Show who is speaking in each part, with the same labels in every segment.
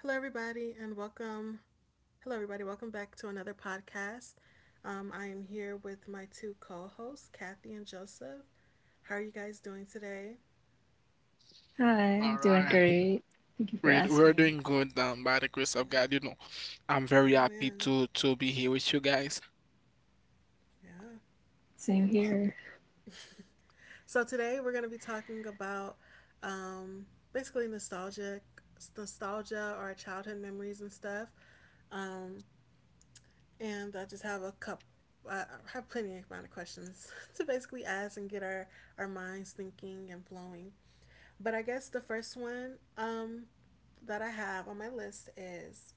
Speaker 1: Hello, everybody, and welcome. Hello, everybody. Welcome back to another podcast. I am here with my two co hosts, Kathy and Joseph. How are you guys doing today?
Speaker 2: Hi,
Speaker 3: All
Speaker 2: I'm doing
Speaker 3: right.
Speaker 2: great. Thank
Speaker 3: We're,
Speaker 2: you for
Speaker 3: we're doing
Speaker 2: asking.
Speaker 3: good by the grace of
Speaker 1: Yeah.
Speaker 3: God. You know, I'm very happy
Speaker 1: Amen.
Speaker 3: to be here with you guys.
Speaker 1: Yeah.
Speaker 2: Same here.
Speaker 1: So, today we're going to be talking about um, basically nostalgic, nostalgia or our childhood memories and stuff. Um, and I just have a cup. I have plenty amount of questions to basically ask and get our minds thinking and flowing. But I guess the first one that I have on my list is,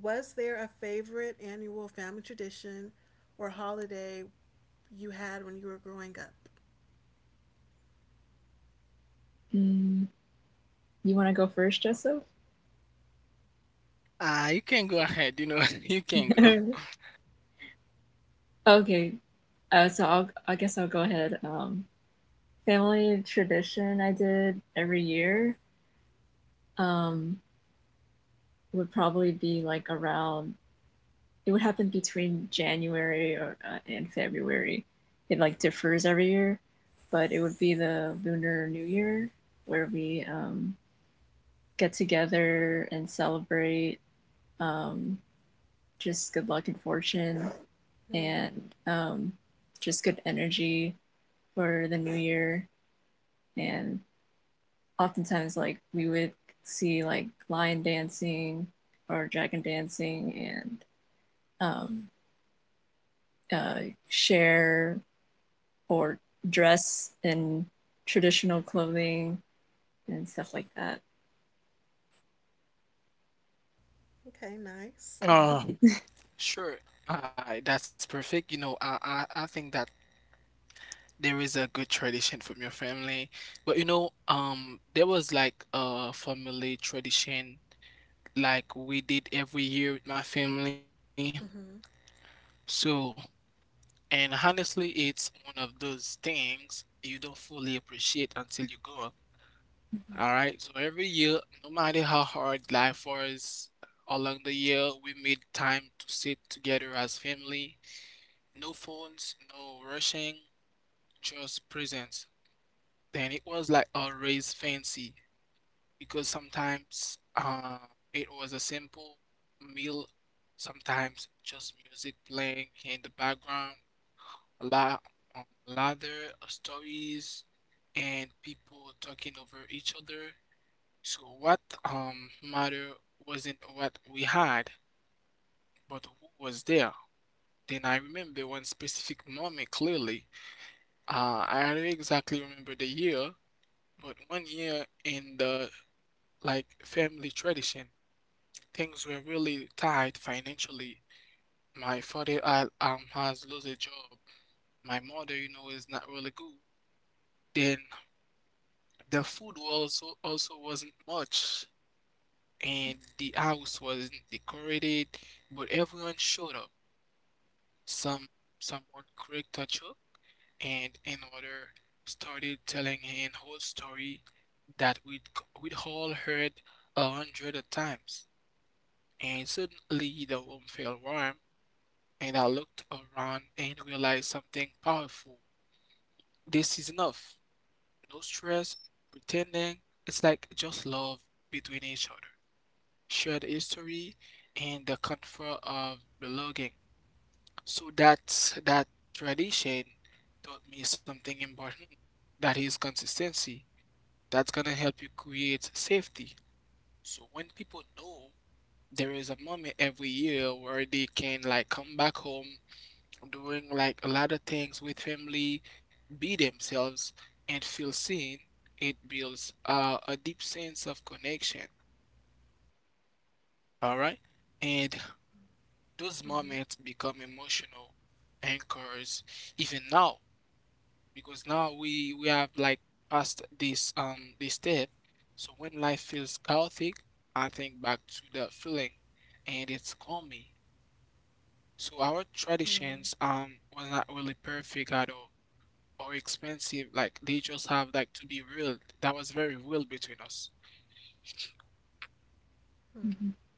Speaker 1: was there a favorite annual family tradition or holiday you had when you were growing up?
Speaker 2: Mm, you want to go first, Joseph?
Speaker 3: You can go ahead. You know, you can go.
Speaker 2: Okay. I guess I'll go ahead. Family tradition I did every year um, would probably be like it would happen between January or and February. It like differs every year, but it would be the Lunar New Year where we get together and celebrate. Um, just good luck and fortune
Speaker 1: Hmm.
Speaker 2: and um, just good energy for the new year. And oftentimes, like, we would see like lion dancing or dragon dancing and uh, share or dress in traditional clothing and stuff like that.
Speaker 1: Okay, nice.
Speaker 3: Uh, sure. That's perfect. You know, I think that there is a good tradition from your family. But you know, there was like a family tradition like we did every year with my family.
Speaker 1: Mm-hmm.
Speaker 3: So, and honestly, it's one of those things you don't fully appreciate until you grow up. All right. So every year, no matter how hard life was along the year, we made time to sit together as family. No phones, no rushing, just presence. Then it was like always fancy because sometimes it was a simple meal, sometimes just music playing in the background, a lot lather stories and people talking over each other. So what matter wasn't what we had, but who was there. Then I remember one specific moment clearly. I don't exactly remember the year, but one year in the like family tradition. Things were really tight financially. My father has lost a job. My mother, you know, is not really good. Then the food also wasn't much, and the house wasn't decorated, but everyone showed up. Some someone cracked a joke, and another started telling an whole story that we'd all heard a hundred of times. And suddenly the room felt warm and I looked around and realized something powerful. This is enough. No stress, pretending. It's like just love between each other, shared history, and the comfort of belonging. So that tradition taught me something important. That is consistency. That's gonna help you create safety. So when people know there is a moment every year where they can like come back home doing like a lot of things with family, be themselves, and feel seen, it builds a deep sense of connection. All right. And those
Speaker 1: Mm-hmm.
Speaker 3: moments become emotional anchors even now because now we have like passed this step. So when life feels chaotic, I think back to that feeling and it's calming. So our
Speaker 1: Mm-hmm.
Speaker 3: traditions was not really perfect at all or expensive. Like they just have like to be real. That was very real between us.
Speaker 2: Mm-hmm.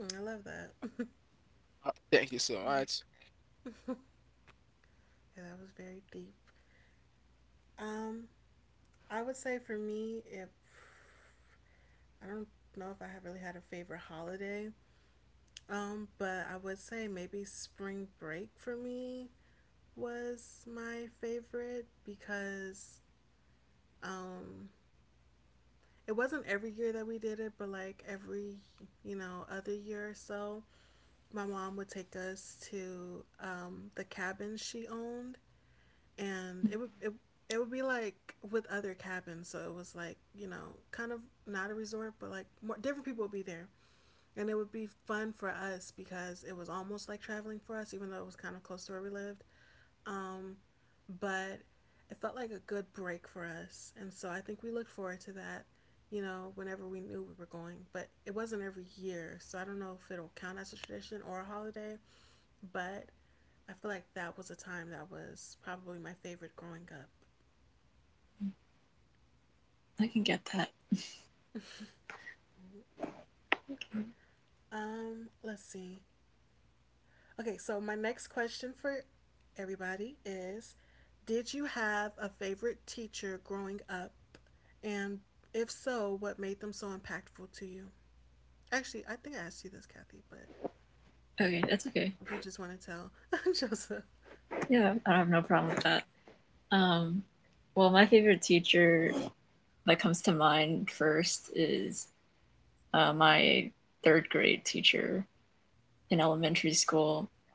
Speaker 1: Mm, I love that. Yeah,
Speaker 3: Thank you so much.
Speaker 1: that was very deep. Um, I would say for me, if I don't know if I have really had a favorite holiday, but I would say maybe spring break for me. Was my favorite because um, it wasn't every year that we did it, but like other year or so, my mom would take us to the cabin she owned, and it would be like with other cabins, so it was like, you know, kind of not a resort, but like more different people would be there, and it would be fun for us because it was almost like traveling for us, even though it was kind of close to where we lived. Um, but it felt like a good break for us. And so I think we looked forward to that, you know, whenever we knew we were going. But it wasn't every year. So I don't know if it'll count as a tradition or a holiday. But I feel like that was a time that was probably my favorite growing up.
Speaker 2: I can get that.
Speaker 1: Let's see. Okay, so my next question for everybody is, did you have a favorite teacher growing up? And if so, what made them so impactful to you? Actually, I think I asked you this, Kathy, but
Speaker 2: Okay, that's
Speaker 1: if you
Speaker 2: okay.
Speaker 1: just want to tell Joseph.
Speaker 2: Yeah, I have no problem with that. Um, well, my favorite teacher that comes to mind first is my third grade teacher in elementary school.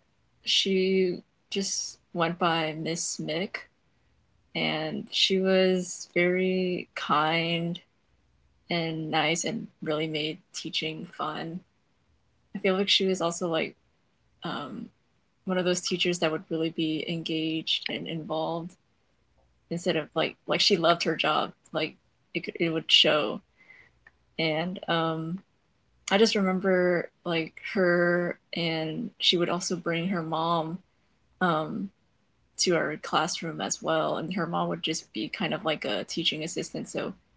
Speaker 2: She just went by Miss Mick, and she was very kind and nice and really made teaching fun. I feel like she was also like um, one of those teachers that would really be engaged and involved instead of like she loved her job like it would show, and I just remember like her, and she would also bring her mom um, to our classroom as well. And her mom would just be kind of like a teaching assistant. So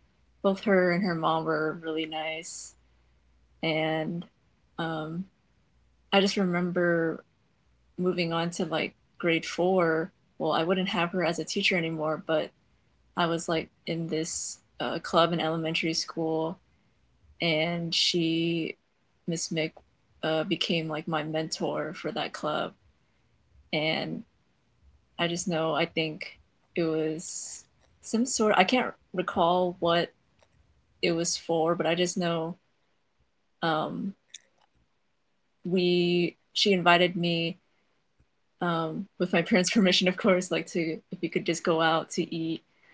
Speaker 2: both her and her mom were really nice. And um, I just remember moving on to like grade four. Well, I wouldn't have her as a teacher anymore, but I was like in this club in elementary school, and Miss Mick, became like my mentor for that club. And I just know I think it was some sort. I can't recall what it was for, but I just know um, we. She invited me, with my parents' permission, of course, like to if we could just go out to eat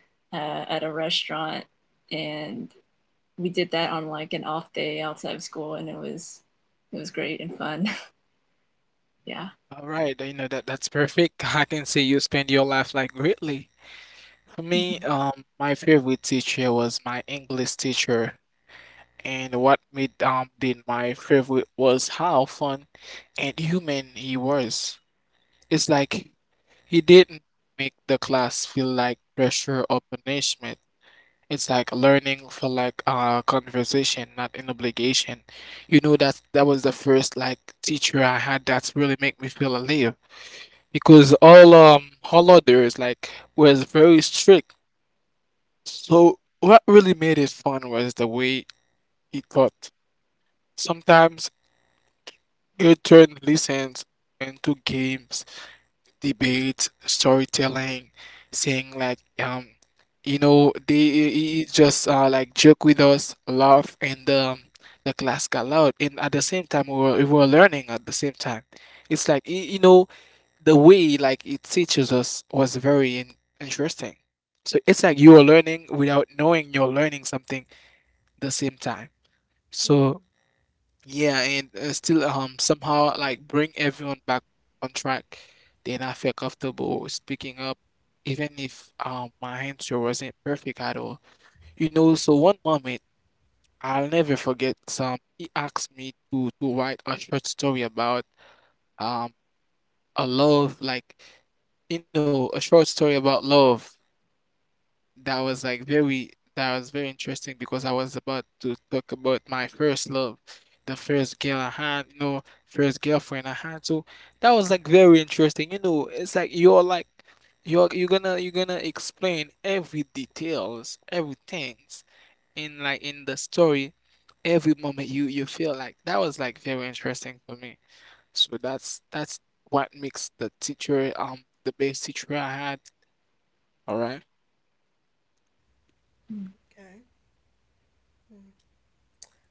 Speaker 2: at a restaurant, and we did that on like an off day outside of school, and it was great and fun. Yeah.
Speaker 3: All right, you know that that's perfect. I can say you spend your life like greatly. For me,
Speaker 2: Mm-hmm.
Speaker 3: my favorite teacher was my English teacher, and what made did my favorite was how fun and human he was. It's like he didn't make the class feel like pressure or punishment. It's like learning for like a conversation, not an obligation. You know that that was the first like teacher I had that really make me feel alive because all others like was very strict. So what really made it fun was the way he taught. Sometimes he turned lessons into games debate, storytelling, saying like you know they he just like joke with us, laugh, and the class got loud. And at the same time, we were learning at the same time. It's like you know the way like it teaches us was very interesting. So it's like you are learning without knowing you're learning something the same time. So
Speaker 1: Hmm.
Speaker 3: yeah, and still somehow like bring everyone back on track. Then I felt comfortable speaking up, even if my answer wasn't perfect at all. You know, so one moment I'll never forget. He asked me to write a short story about um a love like you know a short story about love that was like very interesting because I was about to talk about my first love, the first girl I had, you know, first girlfriend I had. So that was like very interesting. You know, it's like you're like you're gonna explain every details, everything in like in the story, every moment you feel like that was like very interesting for me. So that's what makes the teacher the best teacher I had. All right.
Speaker 1: Okay.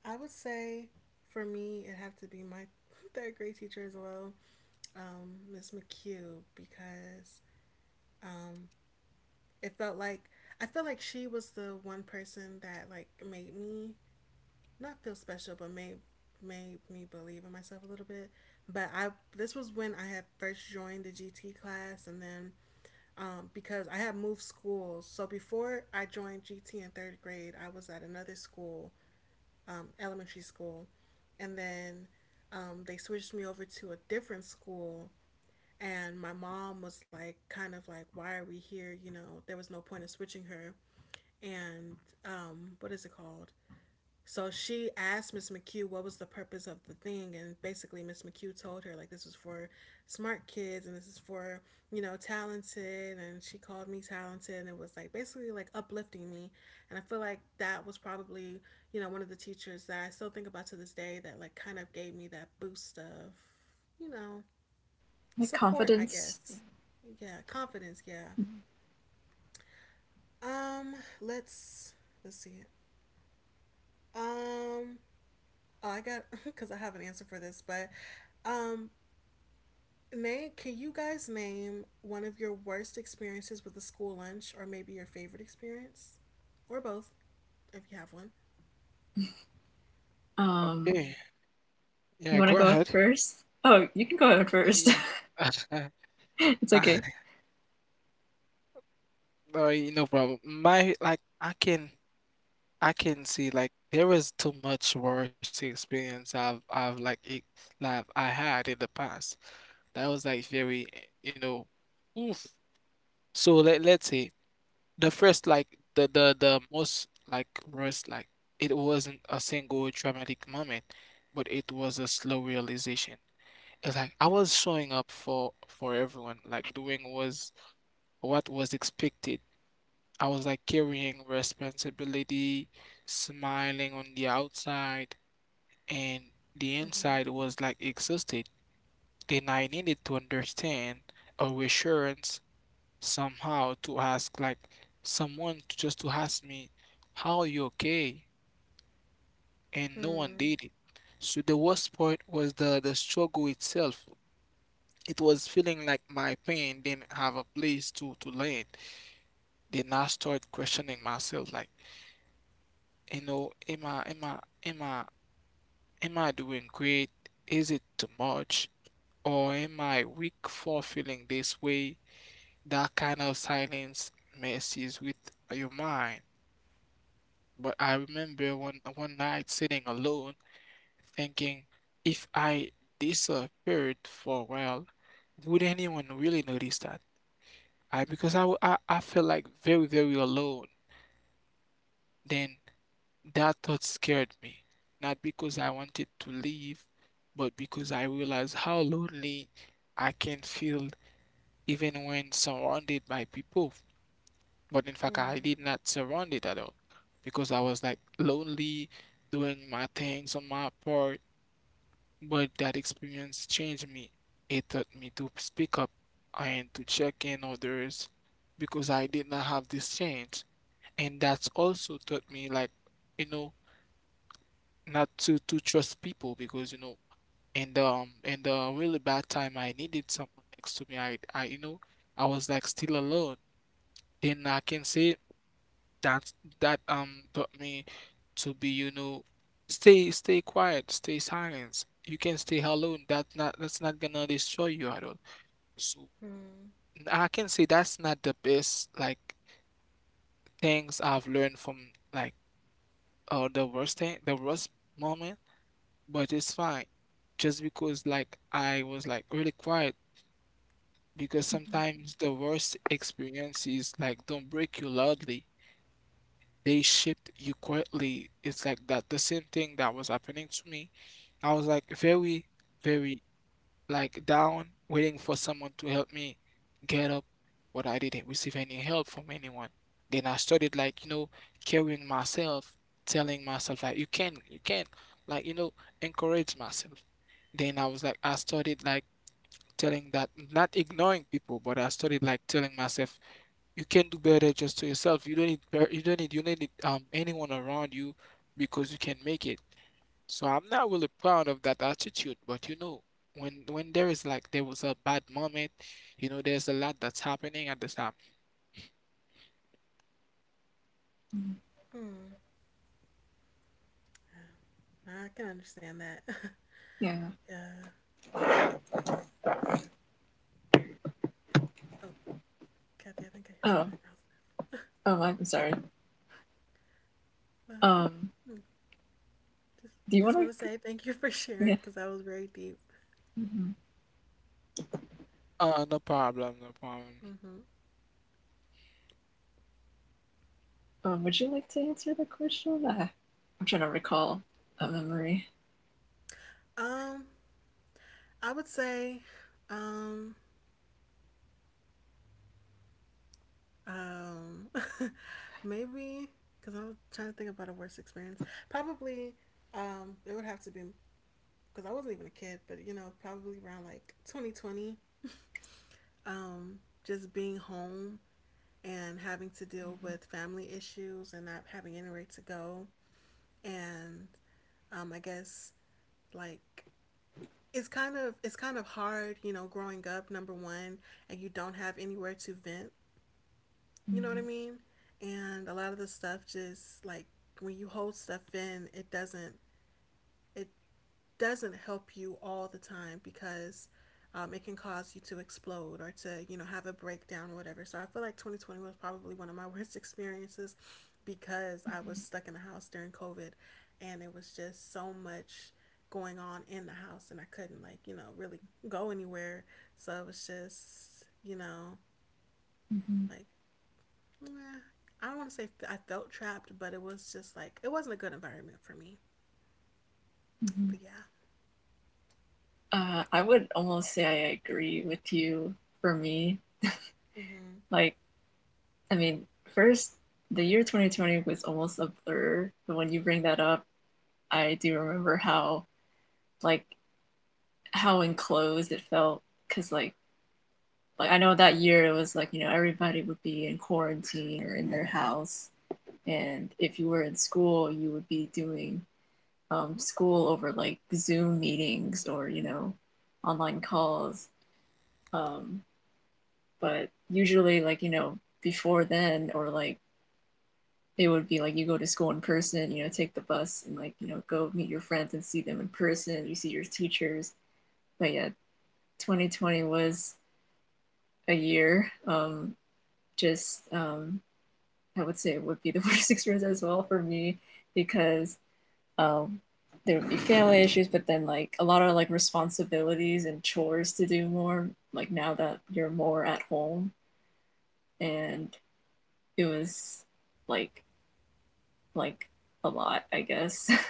Speaker 1: I would say for me, it'd have to be my third grade teacher as well, Miss McHugh, because um, it felt like I felt like she was the one person that like made me not feel special, but made me believe in myself a little bit. But I This was when I had first joined the GT class, and then because I have moved schools. So before I joined GT in third grade, I was at another school, elementary school, and then they switched me over to a different school. And my mom was like, kind of like, why are we here? You know, there was no point in switching her. And what is it called? So she asked Miss McHugh what was the purpose of the thing, and basically Miss McHugh told her like this is for smart kids and this is for, you know, talented, and she called me talented, and it was like basically like uplifting me, and I feel like that was probably, you know, one of the teachers that I still think about to this day that like kind of gave me that boost of, you know,
Speaker 2: My
Speaker 1: support, I
Speaker 2: confidence.
Speaker 1: guess. Yeah, confidence. Yeah. Um, let's let's see. It Um, Oh, I got because I have an answer for this, but um, name can you guys name one of your worst experiences with a school lunch, or maybe your favorite experience, or both if you have one.
Speaker 2: Um,
Speaker 3: Okay. Yeah,
Speaker 2: you
Speaker 3: go
Speaker 2: want to go
Speaker 3: ahead.
Speaker 2: first? Oh, you can go out first.
Speaker 3: Yeah.
Speaker 2: It's
Speaker 3: I,
Speaker 2: okay.
Speaker 3: no, no problem. My like I can see like there was too much worse experience I've like it, like I had in the past. That was like very you know oof. So let's say the first like the most like worst like it wasn't a single traumatic moment, but it was a slow realization. It's like I was showing up for everyone, like doing was what was expected I was like carrying responsibility, smiling on the outside, and the
Speaker 1: Mm-hmm.
Speaker 3: inside was like exhausted. Then I needed to understand a reassurance somehow to ask like just to ask me, how are you okay? And no one
Speaker 1: Hmm.
Speaker 3: did it. So the worst part was the struggle itself. It was feeling like my pain didn't have a place to land. Then I started questioning myself like you know, am I am I doing great? Is it too much? Or am I weak for feeling this way? That kind of silence messes with your mind. But I remember one night sitting alone, thinking, if I disappeared for a while, would anyone really notice that? I Because I felt like very very alone. Then that thought scared me, not because I wanted to leave, but because I realized how lonely I can feel even when surrounded by people. But in fact,
Speaker 1: Hmm.
Speaker 3: I did not surrounded at all because I was like lonely doing my things on my part. But that experience changed me. It taught me to speak up and to check in others because I did not have this change. And that's also taught me like, you know, not to trust people because you know in the really bad time I needed someone next to me I you know I was like still alone then I can say that that taught me to be you know stay quiet stay silent you can stay alone that's not gonna destroy you at all so
Speaker 1: Hmm.
Speaker 3: I can say that's not the best like things I've learned from like or the worst moment but it's fine. Just because like I was like really quiet because sometimes the worst experiences like don't break you loudly. They shift you quietly. It's like that the same thing that was happening to me. I was like very, very like down, waiting for someone to help me get up, but I didn't receive any help from anyone. Then I started like, you know, carrying myself, telling myself like you can, like, you know, encourage myself. Then I was like I started like telling that not ignoring people, but I started like telling myself you can do better just to yourself. You don't need anyone around you because you can make it. So I'm not really proud of that attitude, but you know, when there is like there was a bad moment, you know, there's a lot that's happening at the time.
Speaker 1: Hmm. I can understand that.
Speaker 2: Yeah.
Speaker 1: Yeah. Yeah. Oh, Kathy, I think I hear some background
Speaker 2: Oh,
Speaker 1: stuff,
Speaker 2: oh, I'm sorry.
Speaker 1: but
Speaker 2: Um,
Speaker 1: hmm, just
Speaker 2: do
Speaker 1: just
Speaker 2: you
Speaker 1: want to
Speaker 2: want
Speaker 1: say
Speaker 2: to?
Speaker 1: thank you for sharing
Speaker 2: Yeah.
Speaker 1: because that was very deep.
Speaker 2: Mhm.
Speaker 3: No problem, no problem.
Speaker 1: Hmm.
Speaker 2: Would you like to answer the question? I'm trying to recall a memory.
Speaker 1: Um, I would say, um, Um, maybe because I'm trying to think about a worst experience. Probably, it would have to be because I wasn't even a kid, but, you know, probably around like 2020. Um, just being home and having to deal with family issues and not having anywhere to go, and I guess like it's kind of hard, you know, growing up number one, and you don't have anywhere to vent. You know what I mean? And a lot of the stuff just like when you hold stuff in, it doesn't help you all the time because it can cause you to explode or to, you know, have a breakdown or whatever. So I feel like 2020 was probably one of my worst experiences because I was stuck in the house during COVID, and it was just so much going on in the house, and I couldn't like, you know, really go anywhere. So it was just, you know,
Speaker 2: Mhm.
Speaker 1: like, nah, I don't want to say I felt trapped, but it was just like it wasn't a good environment for me. But yeah.
Speaker 2: Mhm. I would almost say I agree with you. For me,
Speaker 1: Mhm.
Speaker 2: like, I mean, first, the year 2020 was almost a blur, but when you bring that up, I do remember how like how enclosed it felt because like I know that year it was like you know everybody would be in quarantine or in their house, and if you were in school, you would be doing school over like Zoom meetings or you know online calls. Um, but usually, like you know, before then or like it would be like you go to school in person, you know, take the bus and like you know go meet your friends and see them in person. You see your teachers, but yeah, 2020 was a year, just I would say it would be the worst experience as well for me because um, there would be family issues, but then like a lot of like responsibilities and chores to do more. Like now that you're more at home, and it was like like a lot, I guess.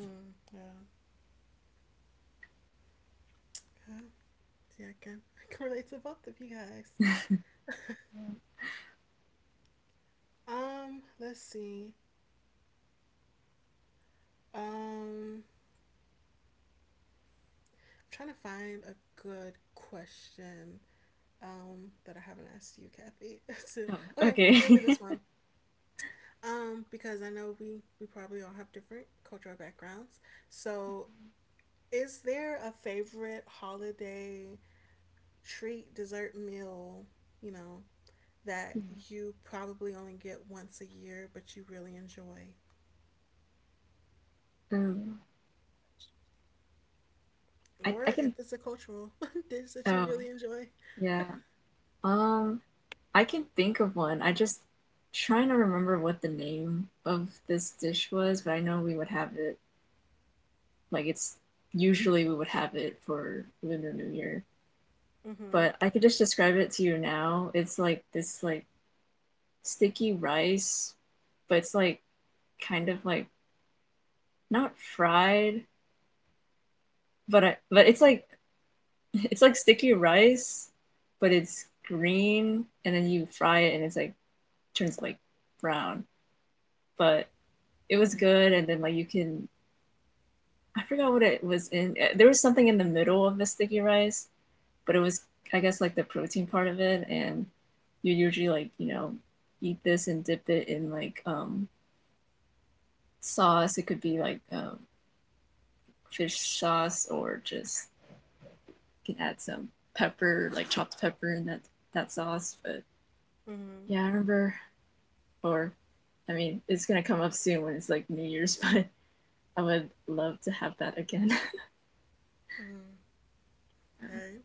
Speaker 1: Mm, yeah. Yeah. See, I can I can relate to both of you guys. Let's see. Um, I'm trying to find a good question. That I haven't asked you, Kathy. So,
Speaker 2: Oh,
Speaker 1: okay,
Speaker 2: okay.
Speaker 1: maybe this one. Because I know we probably all have different cultural backgrounds. So, is there a favorite holiday treat, dessert, meal, you know, that you probably only get once a year, but you really enjoy.
Speaker 2: um,
Speaker 1: Or
Speaker 2: I
Speaker 1: if
Speaker 2: can.
Speaker 1: it's a cultural dish that you
Speaker 2: Oh
Speaker 1: really enjoy.
Speaker 2: yeah. Um, I can think of one. I just trying to remember what the name of this dish was, but I know we would have it like it's usually we would have it for Lunar New Year.
Speaker 1: Mm-hmm.
Speaker 2: But I could just describe it to you now. It's like this like sticky rice, but it's like kind of like not fried, but it's like it's like sticky rice, but it's green and then you fry it and it's like turns like brown. But it was
Speaker 1: Mm-hmm.
Speaker 2: good, and then like you can I forgot what it was in. There was something in the middle of the sticky rice, but it was, I guess, like the protein part of it. And you usually like, you know, eat this and dip it in like sauce. It could be like fish sauce, or just you can add some pepper, like chopped pepper in that sauce. But
Speaker 1: Mm-hmm.
Speaker 2: yeah, I remember. Or, I mean, it's gonna come up soon when it's like New Year's, but I would love to have that again.
Speaker 1: Mm-hmm. Okay.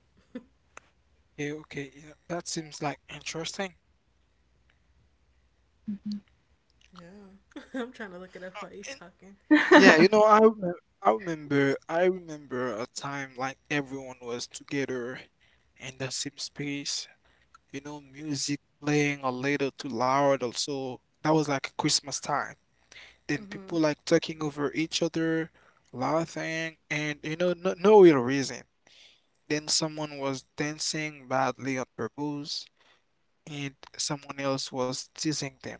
Speaker 3: Yeah, okay, you know, that seems like interesting.
Speaker 1: Yeah. I'm trying to look it up
Speaker 3: Uh,
Speaker 1: while you
Speaker 3: and-
Speaker 1: talking.
Speaker 3: yeah, you
Speaker 2: Mhm. Mhm.
Speaker 3: know, I remember a time like everyone was together in the same space. You know, music playing a little too loud. Also, that was like Christmas time. Then people
Speaker 1: Mm-hmm.
Speaker 3: like talking over each other, laughing, and you know, no, no real reason. Then someone was dancing badly on purpose, and someone else was teasing them,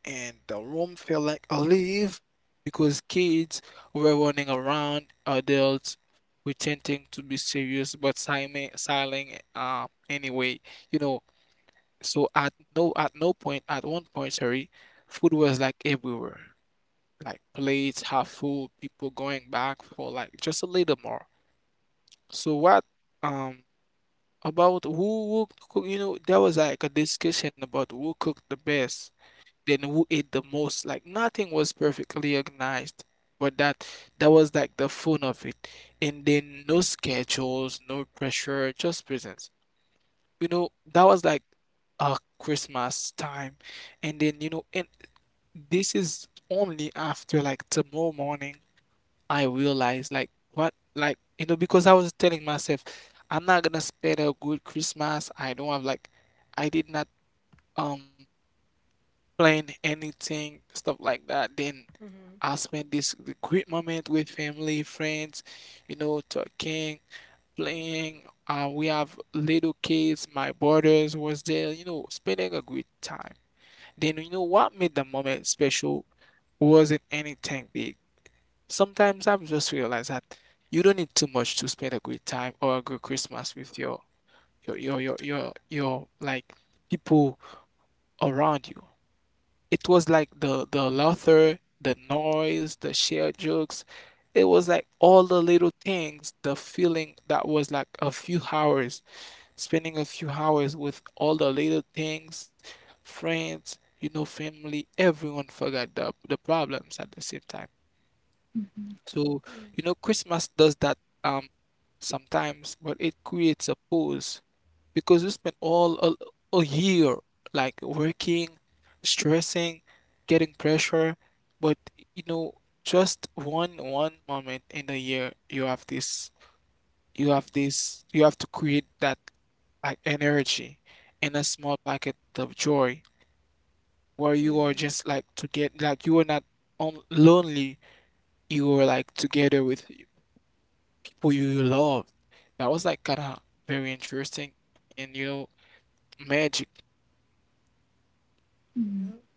Speaker 3: and the room felt like alive because kids were running around, adults pretending to be serious but silent anyway. You know, so at no point at one point, sorry, food was like everywhere. Like plates half full, people going back for like just a little more. So what um about who will cook, you know, there was like a discussion about who cooked the best, then who ate the most. Like nothing was perfectly organized, but that was like the fun of it. And then no schedules, no pressure, just presence. You know, that was like a Christmas time. And then, you know, and this is only after like tomorrow morning I realized like what like you know because I was telling myself I'm not gonna spend a good Christmas. I don't have like I did not um plan anything stuff like that. Then
Speaker 1: Mm-hmm.
Speaker 3: I spent this great moment with family, friends, you know, talking, playing. We have little kids. My brothers was there, you know, spending a great time. Then you know what made the moment special wasn't anything big. Sometimes I've just realized that you don't need too much to spend a great time or a good Christmas with your like people around you. It was like the laughter, the noise, the shared jokes. It was like all the little things, the feeling that was like a few hours, spending a few hours with all the little things, friends, family, everyone forgot the problems at the same time. So,
Speaker 1: Mm.
Speaker 3: Christmas does that um sometimes, but it creates a pause because we spend all a year like working, stressing, getting pressure, but you know, just one moment in the year you have this you have to create that like energy in a small packet of joy where you are
Speaker 1: Yeah.
Speaker 3: just like to get like you are not on lonely, you are like together with who you love. That was like kind of very interesting and you know magic.
Speaker 2: Mhm.
Speaker 1: Yep.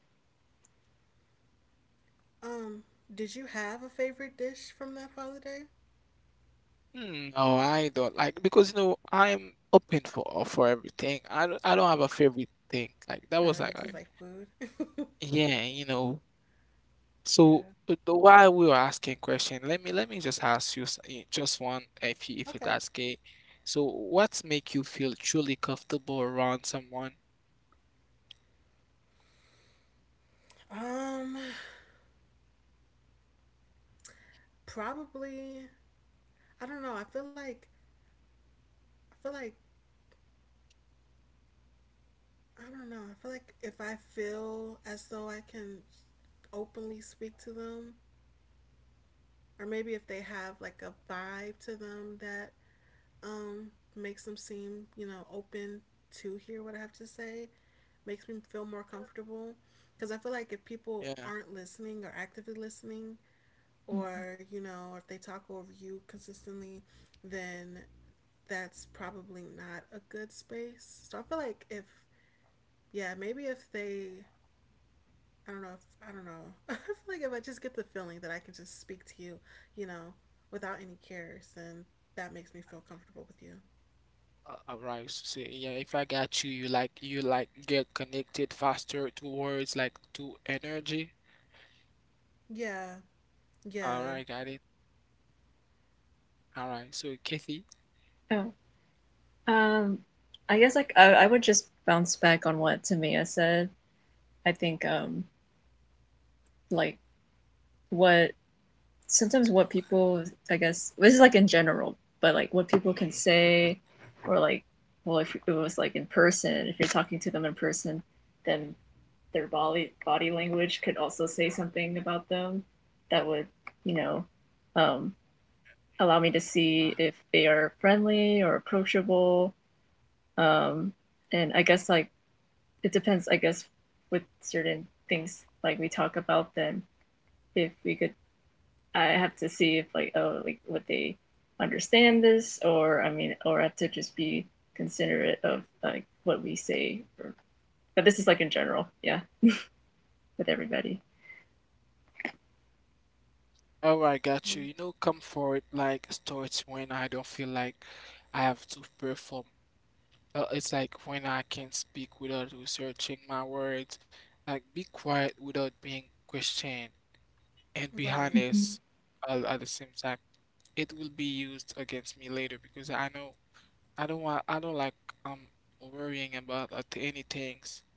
Speaker 1: Um, did you have a favorite dish from that holiday?
Speaker 3: Hmm, no, I don't like because you know I'm open for everything. I don't have a favorite thing. Like that
Speaker 1: Oh,
Speaker 3: was
Speaker 1: you
Speaker 3: like
Speaker 1: just
Speaker 3: like
Speaker 1: like food?
Speaker 3: yeah, you know. So
Speaker 1: Yeah.
Speaker 3: the, while we were asking question, let me just ask you just one if you, if
Speaker 1: Okay.
Speaker 3: that's okay. So what make you feel truly comfortable around someone?
Speaker 1: Um, probably I don't know. I feel like I feel like I don't know. I feel like if I feel as though I can openly speak to them, or maybe if they have like a vibe to them that um makes them seem, you know, open to hear what I have to say, makes me feel more comfortable. Because I feel like if people
Speaker 3: Yeah.
Speaker 1: aren't listening or actively listening, or, you know, if they talk over you consistently, then that's probably not a good space. So I feel like if yeah, maybe if they, I don't know, if, I don't know. I feel like if I just get the feeling that I can just speak to you, you know, without any cares, then that makes me feel comfortable with you.
Speaker 3: All right. So yeah, if I got you, you like get connected faster towards like to energy.
Speaker 1: Yeah,
Speaker 3: All
Speaker 1: yeah,
Speaker 3: right, got it. All right. So Kathy,
Speaker 2: Oh. Um, I guess like I would just bounce back on what Tamia said. I think like what sometimes what people I guess this is like in general, but like what people can say or like well if it was like in person, if you're talking to them in person, then their body language could also say something about them that would, you know, um allow me to
Speaker 3: yeah.
Speaker 2: see if they are friendly or approachable. Um and I guess like it depends, I guess, with certain things like we talk about them. If we could, I have to see if like oh like would they understand this, or I mean or I have to just be considerate of like what we say. Or, but this is like in general, yeah, with everybody.
Speaker 3: All right, got you.
Speaker 1: mm,
Speaker 3: You know, comfort like starts when I don't feel like I have to perform. It's like when I can speak without researching my words, like be quiet without being questioned, and be
Speaker 1: right.
Speaker 3: honest
Speaker 2: Mhm.
Speaker 3: all at the same time. It will be used against me later because I know I don't like um worrying about any things.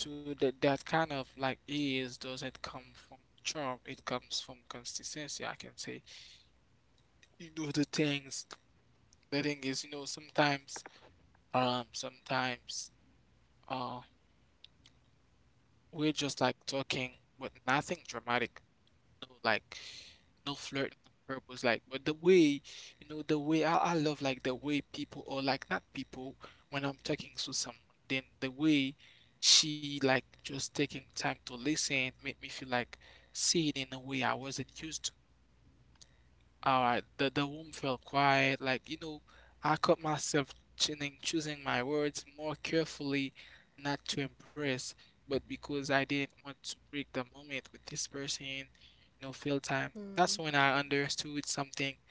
Speaker 3: So that kind of like ease doesn't come from charm, it comes from consistency. I can say you do the things. The thing is, you know, sometimes sometimes uh we're just like talking with nothing dramatic, no like, no flirting on purpose, like but the way, you know, the way I love like the way people or like not people, when I'm talking to someone, then the way she like just taking time to listen made me feel like seen in a way I wasn't used to. All right, the room felt quiet. Like, you know, I caught myself choosing my words more carefully, not to impress, but because I didn't want to break the moment with this person, fill time.
Speaker 1: Mm,
Speaker 3: That's when I understood something.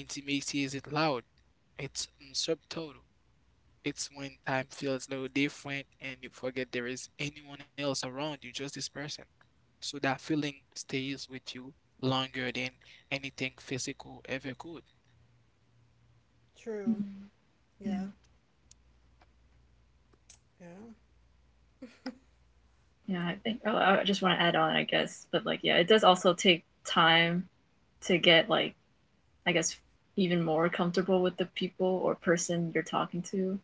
Speaker 3: Intimacy isn't loud, it's mm, subtle. It's when time feels a little different and you forget there is anyone else around you, just this person. So that feeling stays with you longer than anything physical ever could.
Speaker 1: true.
Speaker 2: Yeah,
Speaker 1: Yeah, yeah.
Speaker 2: yeah. I think oh, I just want to add on, I guess, but like, yeah, it does also take time to get like, I guess, even more comfortable with the people or person you're talking to.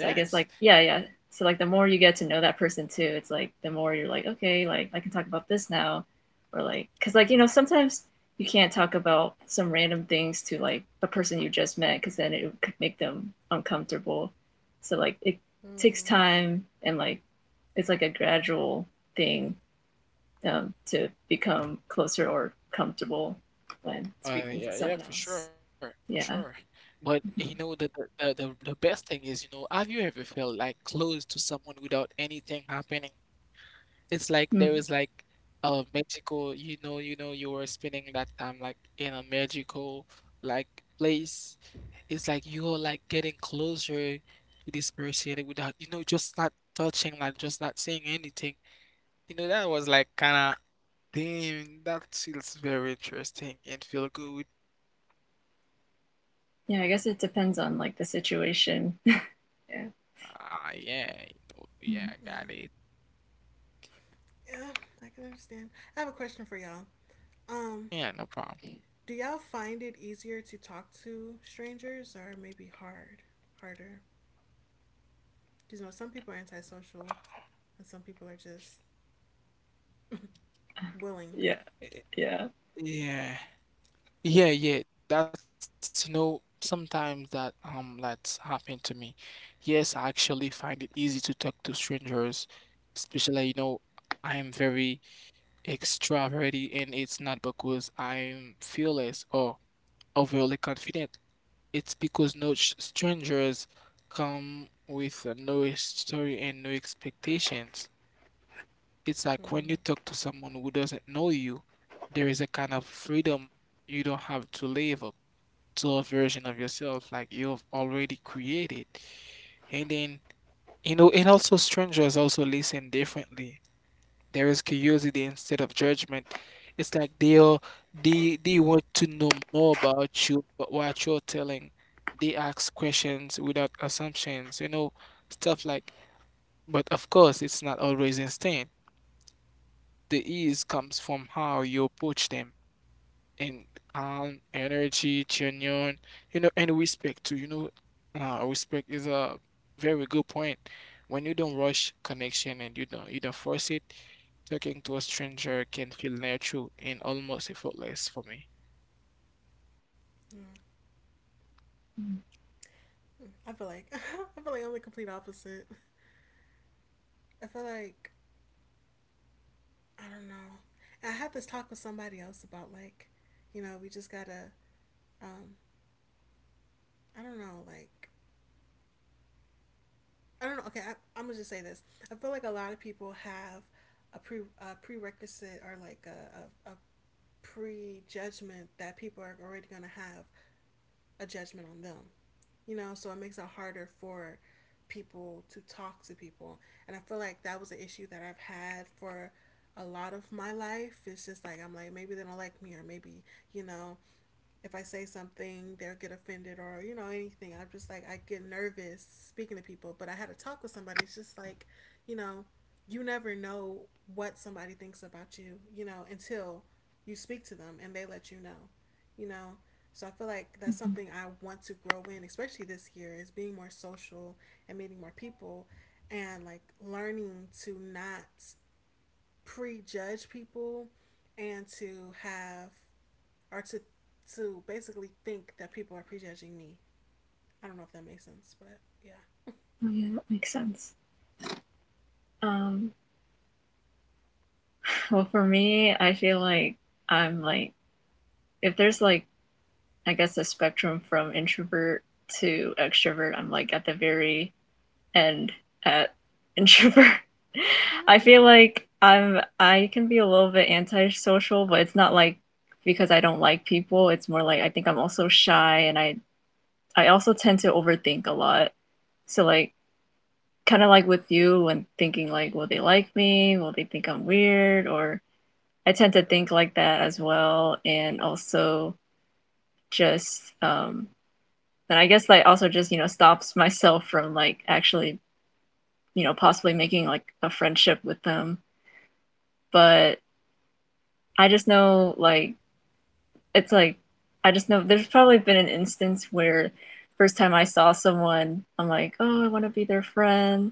Speaker 2: So I guess like yeah, yeah. So like the more you get to know that person too, it's like the more you're like, okay, like I can talk about this now, or like cuz like you know, sometimes you can't talk about some random things to like a person you just met cuz then it could make them uncomfortable. So like it takes
Speaker 1: Mm-hmm.
Speaker 2: time and like it's like a gradual thing, to become closer or comfortable when speaking to
Speaker 3: Yeah, yeah,
Speaker 2: someone
Speaker 3: for
Speaker 2: else.
Speaker 3: sure, for sure.
Speaker 2: Yeah.
Speaker 3: But you know, the,
Speaker 2: Mm-hmm.
Speaker 3: the best thing is, you know, have you ever felt like close to someone without anything happening? It's like there was like
Speaker 2: Hmm.
Speaker 3: a magical, you were spending that time like in a magical like place. It's like you're like getting closer to this person without, you know, just not touching, like just not saying anything. You know, that was like kind of damn, that feels very interesting and feel good.
Speaker 2: Yeah, I guess it depends on like the situation. Yeah.
Speaker 3: Ah, yeah, you know,
Speaker 2: Yeah.
Speaker 3: yeah, I
Speaker 1: Yeah,
Speaker 3: got it.
Speaker 1: yeah. I can understand. I have a question for y'all. Um,
Speaker 3: Yeah, no problem.
Speaker 1: do y'all find it easier to talk to strangers, or maybe harder? Because, you know, some people are antisocial, and some people are just willing.
Speaker 2: Yeah,
Speaker 3: Eh,
Speaker 2: yeah.
Speaker 3: yeah. Yeah, yeah, that's you know sometimes that that's happened to me. Yes, I actually find it easy to talk to strangers, especially you know I am very extroverted and it's not because I'm fearless or overly confident. It's because no strangers come with no history and no expectations. It's like when you
Speaker 1: Mm,
Speaker 3: talk to someone who doesn't know you, there is a kind of freedom. You don't have to live up to a version of yourself like you've already created. And then, you know, and also strangers also listen differently. There is curiosity instead of judgment. It's like they want to know more about you, but what you're telling. They ask questions without assumptions, you know, stuff like. But of course, it's not always instant. The ease comes from how you approach them, and calm energy, genuine, you know, and respect too. You know, respect is a very good point. When you don't rush connection and you don't force it, talking to a stranger can feel natural and almost effortless for me.
Speaker 1: I feel like I feel like I'm the complete opposite. I feel like I don't know. I had this talk with somebody else about like, you know, we just gotta. Um, I don't know. Like, I don't know. Okay, I'm gonna just say this. I feel like a lot of people have a prerequisite or like a prejudgment that people are already gonna have a judgment on them. You know, so it makes it harder for people to talk to people. And I feel like that was an issue that I've had for a lot of my life. It's just like I'm like maybe they don't like me or maybe, you know, if I say something, they'll get offended or, you know, anything. I'm just like, I get nervous speaking to people. But I had a talk with somebody. It's just like, you know, you never know what somebody thinks about you, you know, until you speak to them and they let you know, you know. So I feel like that's
Speaker 2: Mhm.
Speaker 1: something I want to grow in, especially this year, is being more social and meeting more people and like learning to not prejudge people and to have or to basically think that people are prejudging me. I don't know if that makes sense, but yeah.
Speaker 2: Oh yeah, that makes sense. Um, well, for me, I feel like I'm like if there's like I guess a spectrum from introvert to extrovert, I'm like at the very end at introvert. I
Speaker 1: Mm-hmm.
Speaker 2: feel like I can be a little bit antisocial, but it's not like because I don't like people. It's more like I think I'm also shy, and I also tend to overthink a lot. So like kind of like with you when thinking like will they like me will they think I'm weird, or I tend to think like that as well, and also just and I guess like also just you know stops myself from like actually you know possibly making like a friendship with them, but I just know like it's like I just know there's probably been an instance where first time I saw someone I'm like oh I want to be their friend,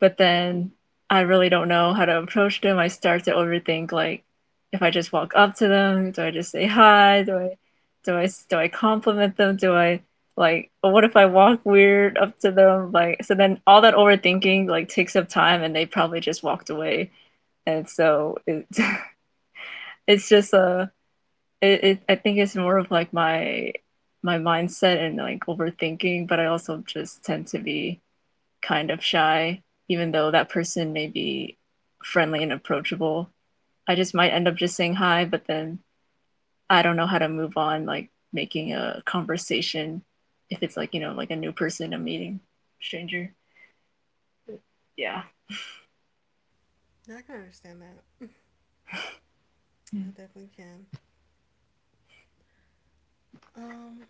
Speaker 2: but then I really don't know how to approach them. I start to overthink like if I just walk up to them, do I just say hi? Do I compliment them? Do I like what if I walk weird up to them? Like so then all that overthinking like takes up time, and they probably just walked away. And so it it's just a it, it I think it's more of like my mindset and like overthinking, but I also just tend to be kind of shy, even though that person may be friendly and approachable. I just might end up just saying hi, but then I don't know how to move on, like making a conversation if it's like, you know, like a new person I'm meeting, stranger. Yeah.
Speaker 1: I can understand that. I definitely can. Um,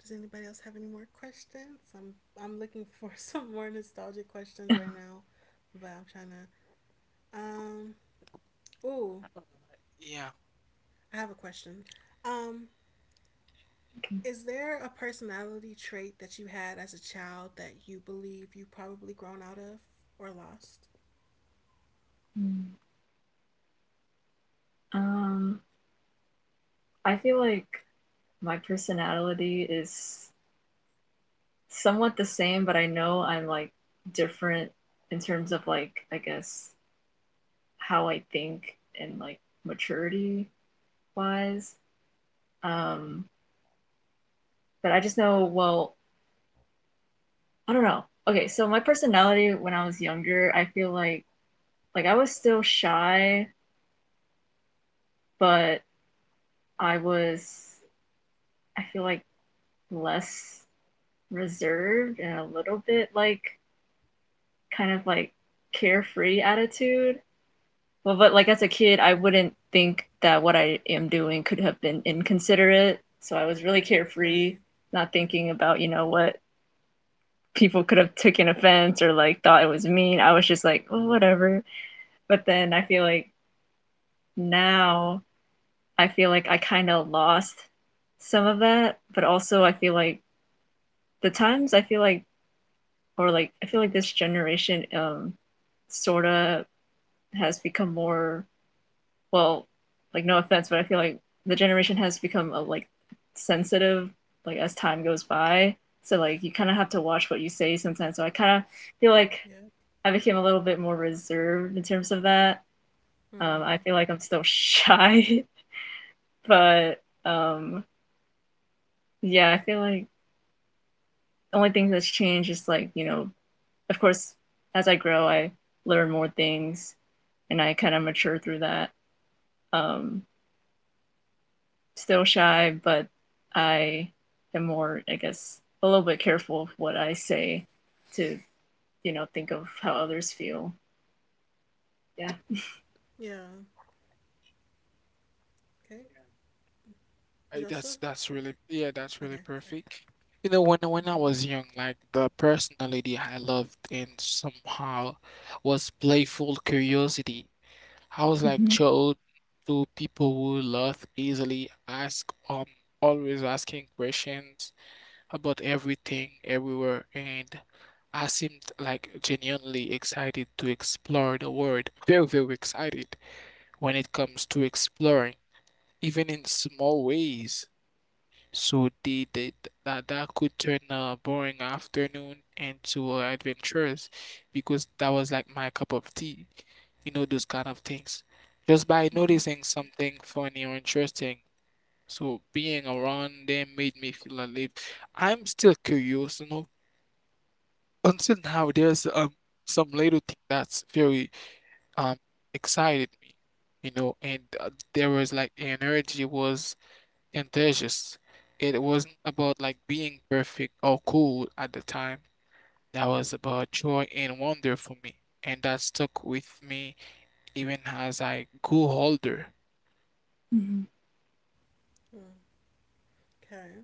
Speaker 1: does anybody else have any more questions? I'm looking for some more nostalgic questions right now, but I'm trying to. Um, ooh,
Speaker 3: Yeah.
Speaker 1: I have a question. Um,
Speaker 2: Okay.
Speaker 1: is there a personality trait that you had as a child that you believe you probably grown out of or lost?
Speaker 2: Um, I feel like my personality is somewhat the same, but I know I'm like different in terms of like, I guess, how I think and like maturity wise. Um, but I just know, well, I don't know. Okay, so my personality when I was younger, I feel like I was still shy, but I was I feel like less reserved and a little bit like kind of like carefree attitude. Well, but like as a kid, I wouldn't
Speaker 1: Hmm.
Speaker 2: think that what I am doing could have been inconsiderate. So I was really carefree,
Speaker 1: Right.
Speaker 2: not thinking about, you know, what people could have taken offense or like thought it was mean. I was just like, oh, whatever. But then I feel like now I feel like I kind of lost some of that, but also I feel like the times I feel like or like I feel like this generation sort of has become more well, like no offense, but I feel like the generation has become a, like sensitive like as time goes by. So like you kind of have to watch what you say sometimes. So I kind of feel like
Speaker 1: Yep.
Speaker 2: I became a little bit more reserved in terms of that. I
Speaker 1: Mm.
Speaker 2: feel like I'm still shy, but um, yeah, I feel like the only thing that's changed is like, of course, as I grow, I learn more things and I kind of mature through that. Um, still shy, but I am more, I guess, a little bit careful of what I say to, you know, think of how others feel. Yeah.
Speaker 1: Yeah. Okay. Joseph.
Speaker 3: That's really yeah, that's really
Speaker 1: Okay. Sorry.
Speaker 3: perfect. You know, when I
Speaker 1: Mm-hmm.
Speaker 3: was young, like the personality I loved and somehow was playful curiosity. I was like
Speaker 2: Mm-hmm.
Speaker 3: child to people who laugh easily, ask always asking questions about everything, everywhere, and I seemed like genuinely excited to explore the world. Very, very excited when it comes to exploring, even in small ways. So they that that could turn a boring afternoon into adventurous because that was like my cup of tea. You know, those kind of things. Just by
Speaker 2: Mm-hmm.
Speaker 3: noticing something funny or interesting. So being around them made me feel alive. I'm still curious, you know. Until now, there's some little thing that's very um excited me, you know, and there was like energy was contagious. It wasn't about like being perfect or cool at the time. That was about joy and wonder for me. And that stuck with me even as I grew older.
Speaker 2: Mm-hmm.
Speaker 1: Okay.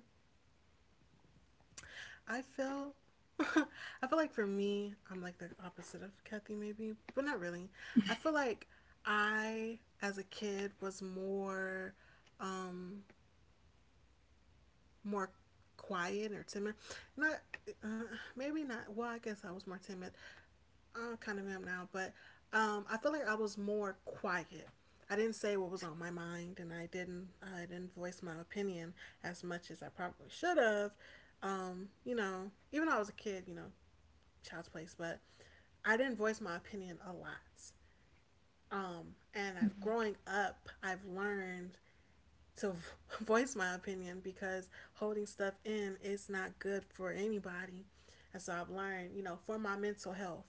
Speaker 1: I feel. I feel like for me, I'm like the opposite of Kathy, maybe, but not really. I feel like I, as a kid, was um, more quiet or timid. Not, uh, maybe not. Well, I guess I was more timid, I kind of am now, but I feel like I was more quiet. I didn't say what was on my mind, and I didn't voice my opinion as much as I probably should have. Even though I was a kid, you know, child's place, but I didn't voice my opinion a lot. And as growing up, I've learned to voice my opinion because holding stuff in is not good for anybody. And so I've learned, you know, for my mental health,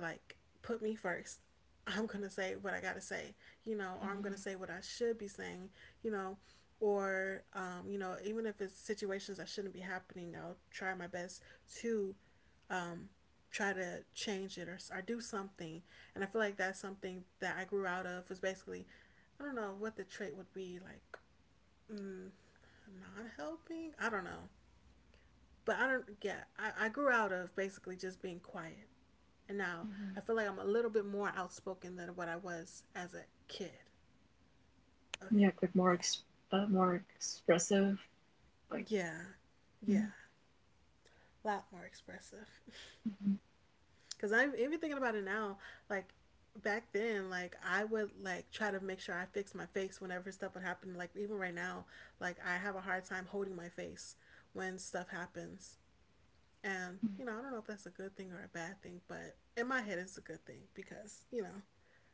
Speaker 1: like put me first. I'm going to say what I got to say, you know, or I'm going to say what I should be saying, you know, or even if it's situations that shouldn't be happening, I'll try my best to um, try to change it or do something. And I feel like that's something that I grew out of was basically, I don't know what the trait would be like, mm, not helping. I don't know. But I don't, yeah, I grew out of basically just being quiet, and now
Speaker 2: Mm-hmm.
Speaker 1: I feel like I'm a little bit more outspoken than what I was as a kid.
Speaker 2: Yeah,
Speaker 1: Okay.
Speaker 2: like
Speaker 1: Yeah.
Speaker 2: more expressive, like
Speaker 1: Yeah. Yeah. A lot more expressive. Cause I'm even thinking about it now, like back then, like I would like try to make sure I fix my face whenever stuff would happen. Like even right now, like I have a hard time holding my face when stuff happens. And, you know, I don't know if that's a good thing or a bad thing, but in my head it's a good thing because,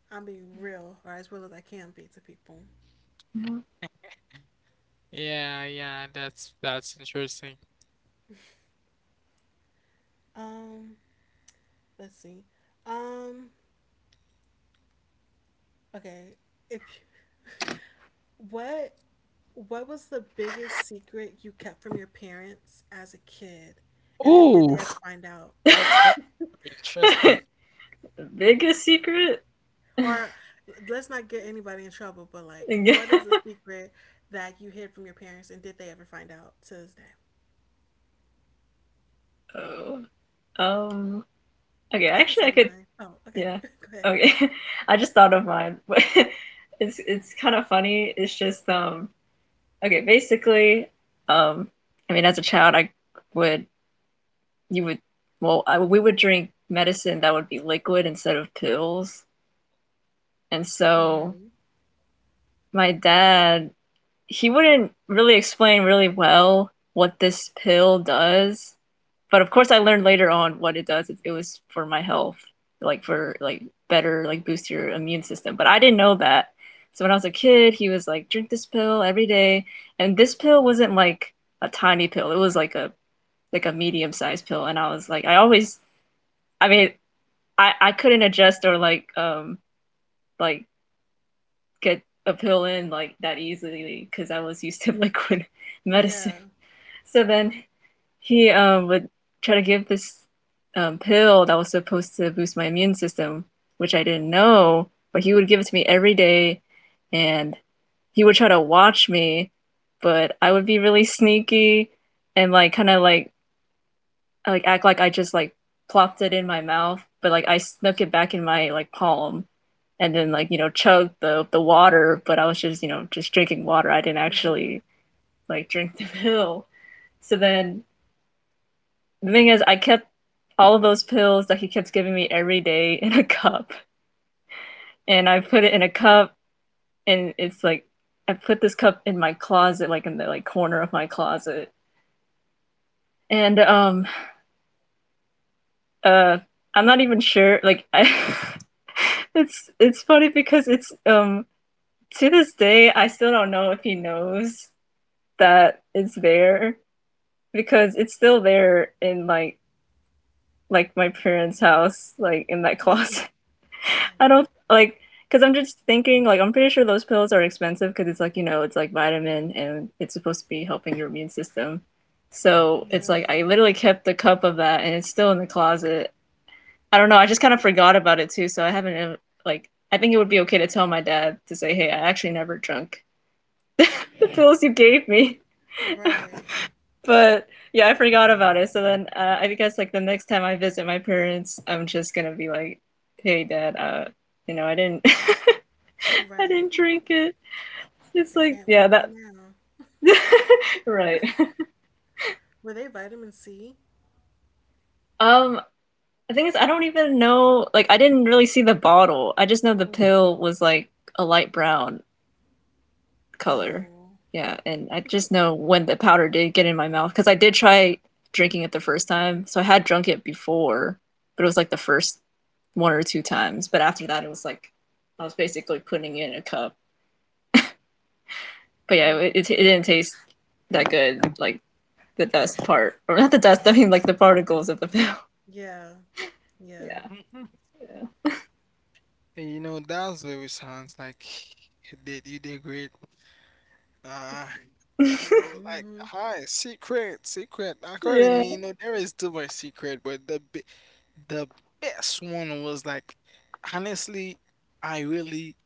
Speaker 1: I'm being real or as real as I can be to people.
Speaker 2: yeah.
Speaker 3: Yeah, yeah, that's interesting.
Speaker 1: Um, let's see. Um, okay. If what what was the biggest secret you kept from your parents as a kid, and did they
Speaker 3: Ooh,
Speaker 1: ever find out?
Speaker 3: that's gonna be interesting.
Speaker 2: The biggest secret? Oh,
Speaker 1: Or let's not get anybody in trouble, but like, what is the secret that you hid from your parents, and did they ever find out to this day?
Speaker 2: um. Okay,
Speaker 1: I can
Speaker 2: actually, I
Speaker 1: say
Speaker 2: could.
Speaker 1: mine. Oh, okay.
Speaker 2: Yeah.
Speaker 1: Go ahead.
Speaker 2: Okay, I just thought of mine. It's kind of funny. It's just. Okay, basically, um. I mean, as a child, I would you would well I, we would drink medicine that would be liquid instead of pills, and so
Speaker 1: Mm-hmm.
Speaker 2: my dad he wouldn't really explain really well what this pill does. But of course, I learned later on what it does. It was for my health, like for like better, like boost your immune system. But I didn't know that. So when I was a kid, he was like, drink this pill every day. And this pill wasn't like a tiny pill. It was like a medium sized pill. And I was like, I always, I mean, I couldn't adjust or like get a pill in like that easily because I was used to liquid medicine.
Speaker 1: Yeah.
Speaker 2: So then he would try to give this pill that was supposed to boost my immune system, which I didn't know, but he would give it to me every day and he would try to watch me, but I would be really sneaky and like act like I just like plopped it in my mouth, but like I snuck it back in my like palm and then like you know chugged the water, but I was just you know just drinking water. I didn't
Speaker 1: Mm-hmm.
Speaker 2: actually like drink the pill. So then the thing is, I kept all of those pills that he kept giving me every day in a cup, and I put it in a cup, and it's like I put this cup in my closet, like in the like corner of my closet, and um uh I'm not even sure like I. It's funny because it's to this day I still don't know if he knows that it's there because it's still there in like my parents' house, like in that closet.
Speaker 1: Oh,
Speaker 2: I don't like because I'm just thinking like I'm pretty sure those pills are expensive because it's like you know it's like vitamin and it's supposed to be helping your immune system. So it's like I
Speaker 1: yeah.
Speaker 2: literally kept the cup of that and it's still in the closet. I don't know. I just kind of forgot about it too, so I haven't like I think it would be okay to tell my dad to say, "Hey, I actually never drank the pills you gave me."
Speaker 1: Right.
Speaker 2: But yeah, I forgot about it. So then I guess like the next time I visit my parents, I'm just gonna be like, "Hey, Dad, you know, I didn't, I didn't
Speaker 1: Right.
Speaker 2: drink it." It's
Speaker 1: They
Speaker 2: like,
Speaker 1: can't
Speaker 2: yeah,
Speaker 1: whoop you
Speaker 2: that,
Speaker 1: now.
Speaker 2: right.
Speaker 1: Were they vitamin C?
Speaker 2: Um, the thing is, I don't even know. Like, I didn't really see the bottle. I just know the
Speaker 1: Mm-hmm.
Speaker 2: pill was like a light brown, color.
Speaker 1: Oh.
Speaker 2: Yeah, and I
Speaker 1: Mm-hmm.
Speaker 2: just know when the powder did get in my mouth because I did try drinking it the first time. So I had drunk it before, but it was like the first one or two times. But after that, it was like I was basically putting it in a cup. But yeah, it, it,
Speaker 1: Hmm.
Speaker 2: it didn't taste that good. Like the dust part, or not the dust. I mean, like the particles of the film.
Speaker 1: Yeah. Yeah.
Speaker 2: Yeah,
Speaker 3: Mhm. You know, that's very sounds like you did great. Uh,
Speaker 2: yeah,
Speaker 3: you know, like
Speaker 1: Mm-hmm.
Speaker 3: hi, secret, secret. According to me,
Speaker 2: yeah.
Speaker 3: you know, there is too much secret, but the the best one was like, honestly, I really,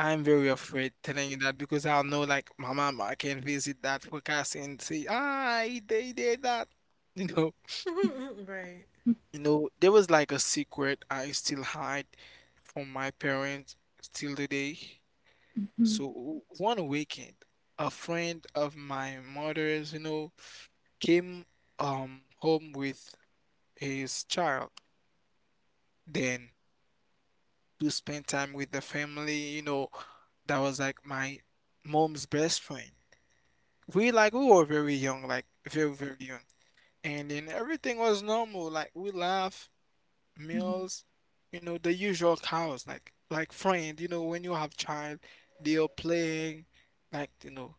Speaker 3: I'm very afraid telling you that because I will know like my mama, I can visit that podcast and say, ah, he did that, you know.
Speaker 1: Right.
Speaker 3: You know, there was like a secret I still hide from my parents still today.
Speaker 2: Mm-hmm.
Speaker 3: So one weekend, a friend of my mother's, you know, came home with his child. Then to spend time with the family, you know, that was like my mom's best friend. We like we were very young, like very very young. And then everything was normal. Like we laugh, meals, you know, the usual cows, like friend, you know, when you have child, they are playing, like, you know.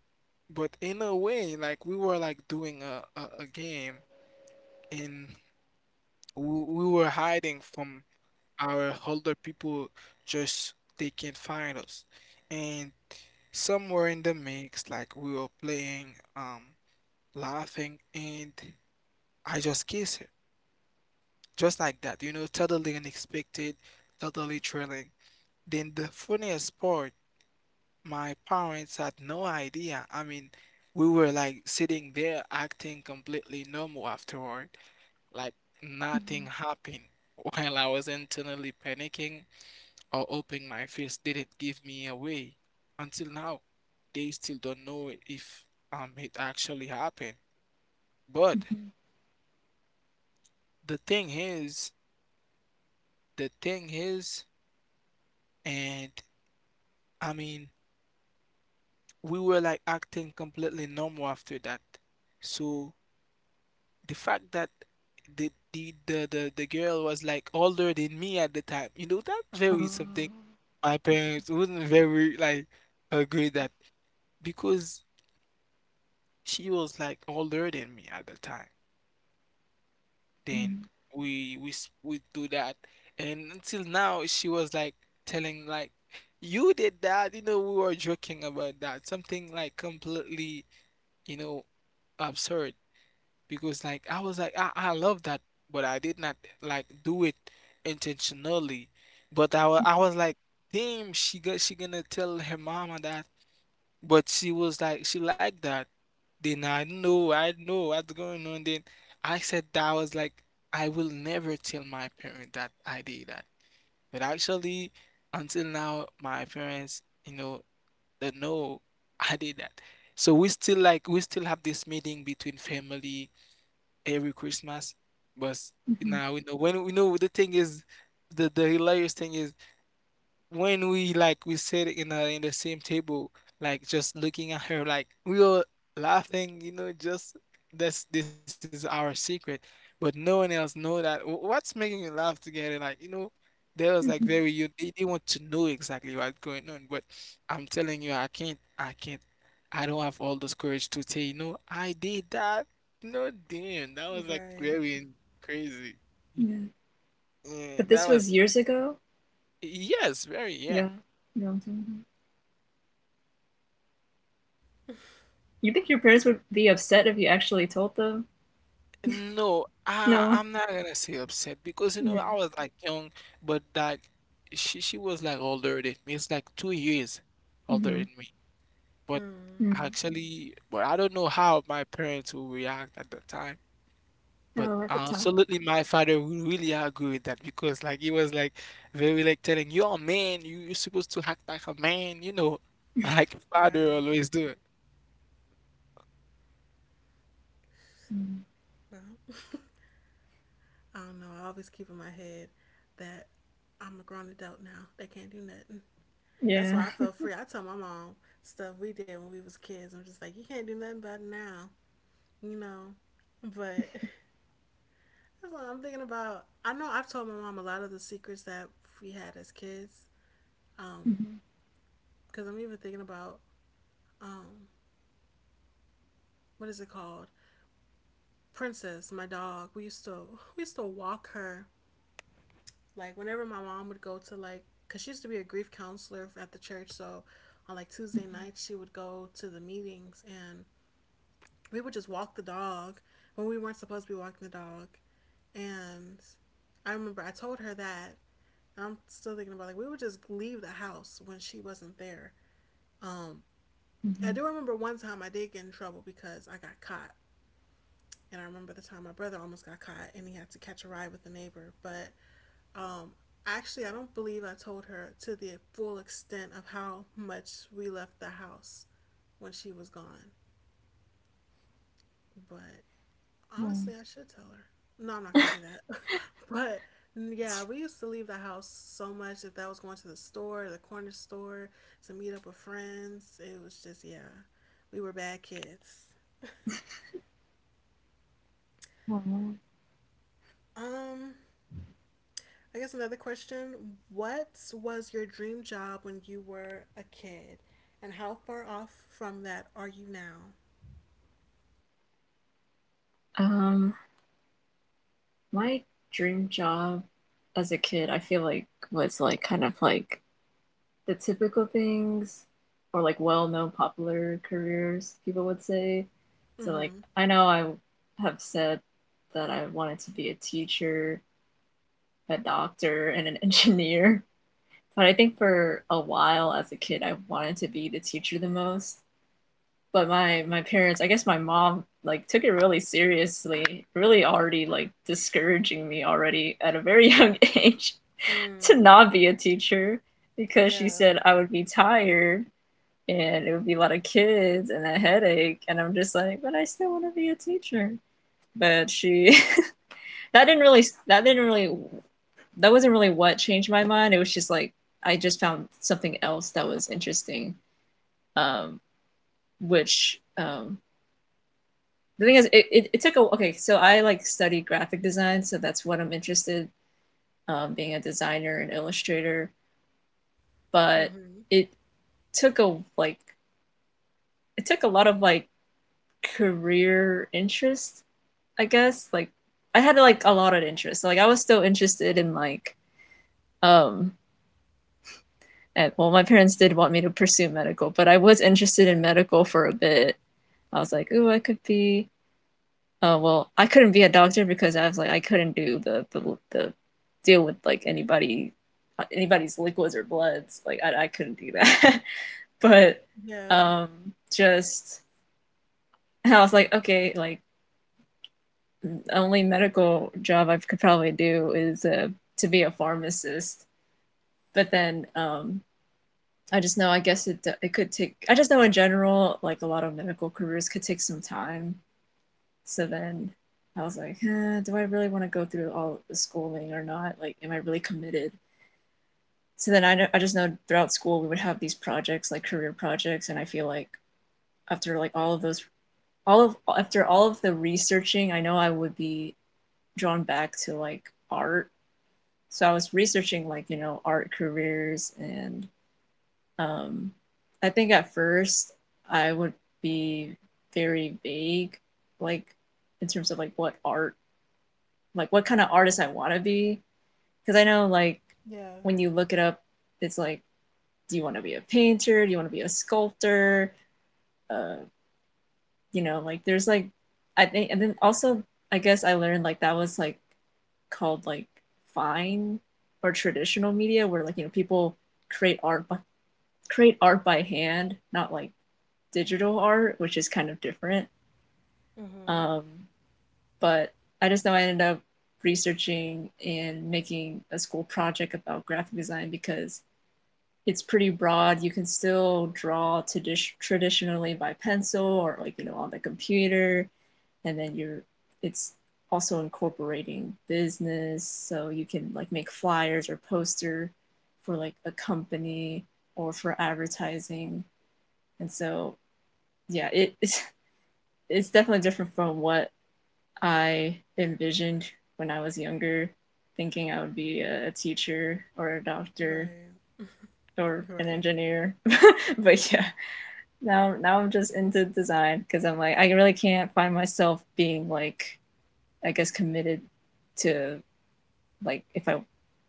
Speaker 3: But in a way, like we were like doing a game and we were hiding from our older people just they can't find us. And somewhere in the mix, like we were playing, laughing and I just kissed her. Just like that, you know, totally unexpected, totally thrilling. Then the funniest part, my parents had no idea. I mean, we were like sitting there acting completely normal afterward, like nothing happened. While I was internally panicking or hoping my face didn't give me away. Until now, they still don't know if it actually happened. But the thing is, the thing is, and I mean, we were like acting completely normal after that. So the fact that the girl was like older than me at the time, you know, that's very something my parents wouldn't very like agree that because she was like older than me at the time. Then we do that, and until now she was like telling like you did that, you know, we were joking about that, something like completely, you know, absurd. Because like I was like I love that, but I did not like do it intentionally. But I was like, damn, she gonna tell her mama that. But she was like she liked that. Then I know what's going on. Then I said that I was like I will never tell my parent that I did that. But actually, until now, my parents, you know, they know I did that. So we still have this meeting between family every Christmas. But
Speaker 2: Mm-hmm.
Speaker 3: now we know when we know the thing is the hilarious thing is when we sit in a, in the same table, like just looking at her, like we were laughing, you know, just this is our secret, but no one else know that. Wh- What's making you laugh together? Like you know, there was like
Speaker 2: Mm-hmm.
Speaker 3: very you they want to know exactly what's going on, but I'm telling you, I can't, I don't have all this courage to say, no, I did that. No, damn, that was like
Speaker 1: Right.
Speaker 3: very crazy.
Speaker 2: Yeah.
Speaker 3: Yeah,
Speaker 2: But
Speaker 3: that
Speaker 2: this was
Speaker 3: was
Speaker 2: years ago.
Speaker 3: yes, very yeah.
Speaker 2: Yeah, long time ago. You think your parents would be upset if you actually told them?
Speaker 3: No, I
Speaker 2: No.
Speaker 3: I'm not gonna say upset because you know
Speaker 2: Yeah.
Speaker 3: I was like young, but like she was like older than me. It's like 2 years older
Speaker 2: Mm-hmm.
Speaker 3: than me. But
Speaker 1: Mm.
Speaker 2: Mm.
Speaker 3: actually, but I don't know how my parents will react at the time. But
Speaker 2: Oh, at the time.
Speaker 3: absolutely, my father will really agree with that because like he was like very like telling you're a man, you're supposed to act like a man, you know, like father
Speaker 1: Right.
Speaker 3: always do.
Speaker 2: Mm.
Speaker 1: Well, I don't know. I always keep in my head that I'm a grown adult now. They can't do nothing. That's
Speaker 2: Yeah.
Speaker 1: why I feel free. I tell my mom stuff we did when we was kids. I'm just like, you can't do nothing about it now, you know. But that's what I'm thinking about. I know I've told my mom a lot of the secrets that we had as kids. Um,
Speaker 2: Mhm.
Speaker 1: because I'm even thinking about um what is it called? Princess, my dog. We used to walk her like whenever my mom would go to, like, because she used to be a grief counselor at the church, so on like Tuesday
Speaker 2: Mhm.
Speaker 1: nights she would go to the meetings and we would just walk the dog when we weren't supposed to be walking the dog. And I remember I told her that, and I'm still thinking about like we would just leave the house when she wasn't there. Um I
Speaker 2: Mhm.
Speaker 1: do remember one time I did get in trouble because I got caught. And I remember the time my brother almost got caught and he had to catch a ride with the neighbor. But um, actually, I don't believe I told her to the full extent of how much we left the house when she was gone. But
Speaker 2: Oh,
Speaker 1: honestly, I should tell her. No, I'm not going to do that. But yeah, we used to leave the house so much. If that was going to the store, the corner store, to meet up with friends, it was just, yeah, we were bad kids.
Speaker 2: oh.
Speaker 1: Um, I guess another question. What was your dream job when you were a kid? And how far off from that are you now?
Speaker 2: Um, my dream job as a kid, I feel like was like kind of like the typical things or like well-known popular careers, people would say. So like
Speaker 1: Mm-hmm.
Speaker 2: I know I have said that I wanted to be a teacher, a doctor, and an engineer. But I think for a while as a kid, I wanted to be the teacher the most. But my parents, I guess my mom, like took it really seriously, really already like discouraging me already at a very young age to
Speaker 1: Mm.
Speaker 2: not be a teacher because she
Speaker 1: Yeah.
Speaker 2: said I would be tired and it would be a lot of kids and a headache. And I'm just like, but I still want to be a teacher. But she that didn't really that wasn't really what changed my mind. It was just like I just found something else that was interesting. Um, which the thing is, it took a okay. So I like study graphic design, so that's what I'm interested. In, being a designer and illustrator, but
Speaker 1: Mm-hmm.
Speaker 2: it took a like it took a lot of like career interest, I guess. Like I had like a lot of interest. So, like I was still interested in like um and well, my parents did want me to pursue medical, but I was interested in
Speaker 1: Yeah.
Speaker 2: medical for a bit. I was like, ooh, I could be. Well, I couldn't be a doctor because I was like, I couldn't do the deal with like anybody, anybody's liquids or bloods. Like, I couldn't do that. but
Speaker 1: Yeah.
Speaker 2: um, just I was like, okay, like the only medical job I could probably do is to be a pharmacist. But then I just know, I guess it it could take. I just know in general, like a lot of medical careers could take some time. So then I was like, eh, do I really want to go through all the schooling or not? Like, am I really committed? So then I know, I just know throughout school we would have these projects, like career projects, and I feel like after like all of those, all of the researching, I know I would be drawn back to like art. So I was researching like, you know, art careers and um, I think at first I would be very vague, like in terms of like what art, like what kind of artist I want to be. Because I know like
Speaker 1: Yeah.
Speaker 2: when you look it up, it's like, do you want to be a painter? Do you want to be a sculptor? Uh, you know, like there's like, I think, and then also I guess I learned like that was like called like fine or traditional media, where like you know people create art by create art by hand, not like digital art, which is kind of different.
Speaker 1: Mm-hmm.
Speaker 2: Um, but I just know I ended up researching and making a school project about graphic design because it's pretty broad. You can still draw traditionally by pencil or like you know on the computer, and then you're it's also incorporating business, so you can like make flyers or poster for like a company or for advertising, and so yeah, it, it's definitely different from what I envisioned when I was younger, thinking I would be a, teacher or a doctor
Speaker 1: Right.
Speaker 2: or an
Speaker 1: Right.
Speaker 2: engineer. But yeah, now I'm just into design because I'm like I really can't find myself being like I guess committed to like if I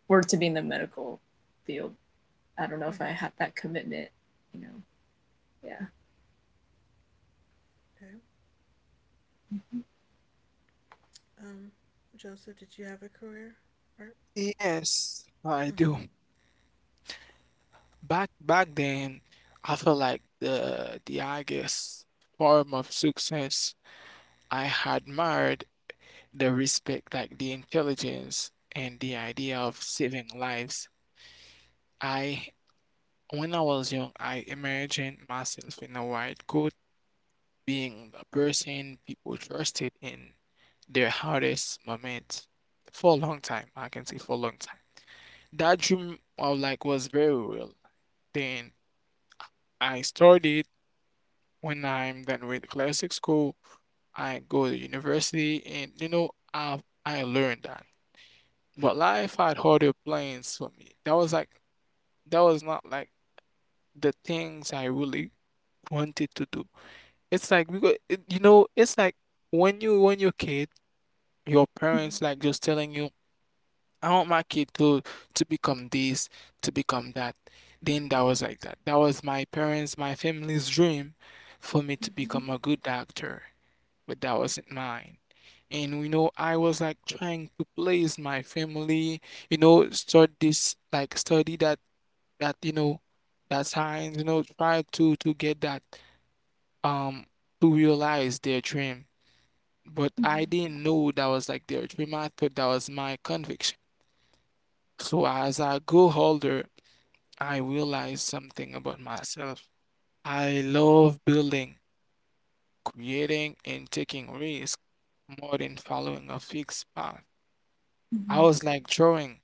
Speaker 2: were to be in the medical field, I don't know if I
Speaker 1: Mm-hmm.
Speaker 2: have that commitment. You know, yeah.
Speaker 1: Okay.
Speaker 2: Mm-hmm.
Speaker 1: Um, Joseph, did you have a career? Right.
Speaker 3: Yes, I
Speaker 1: Mm-hmm.
Speaker 3: do. Back then, I felt like the highest form of success I admired the respect, like the intelligence and the idea of saving lives. I When I was young, I imagined myself in a white coat, being the person people trusted in their hardest moments for a long time. I can say for a long time. That dream of like was very real. Then I started when I'm done with classic school, I go to university and you know I learned that. But life had harder plans for me. That was not like the things I really wanted to do. It's like because it, you know it's like when you're a kid, your parents like just telling you, I want my kid to become this, to become that. Then that was like that. That was my parents, my family's dream for me to
Speaker 2: Mm-hmm.
Speaker 3: become a good doctor, but that wasn't mine. And you know, I was like trying to place my family, you know, start this like study that you know that science, you know, try to get that um to realize their dream. But I
Speaker 2: Mm-hmm.
Speaker 3: didn't know that was like their dream. I thought that was my conviction. So as I grew older, I realized something about myself. I love building, creating, and taking risks more than following a fixed path. I
Speaker 2: Mm-hmm.
Speaker 3: was like drawing.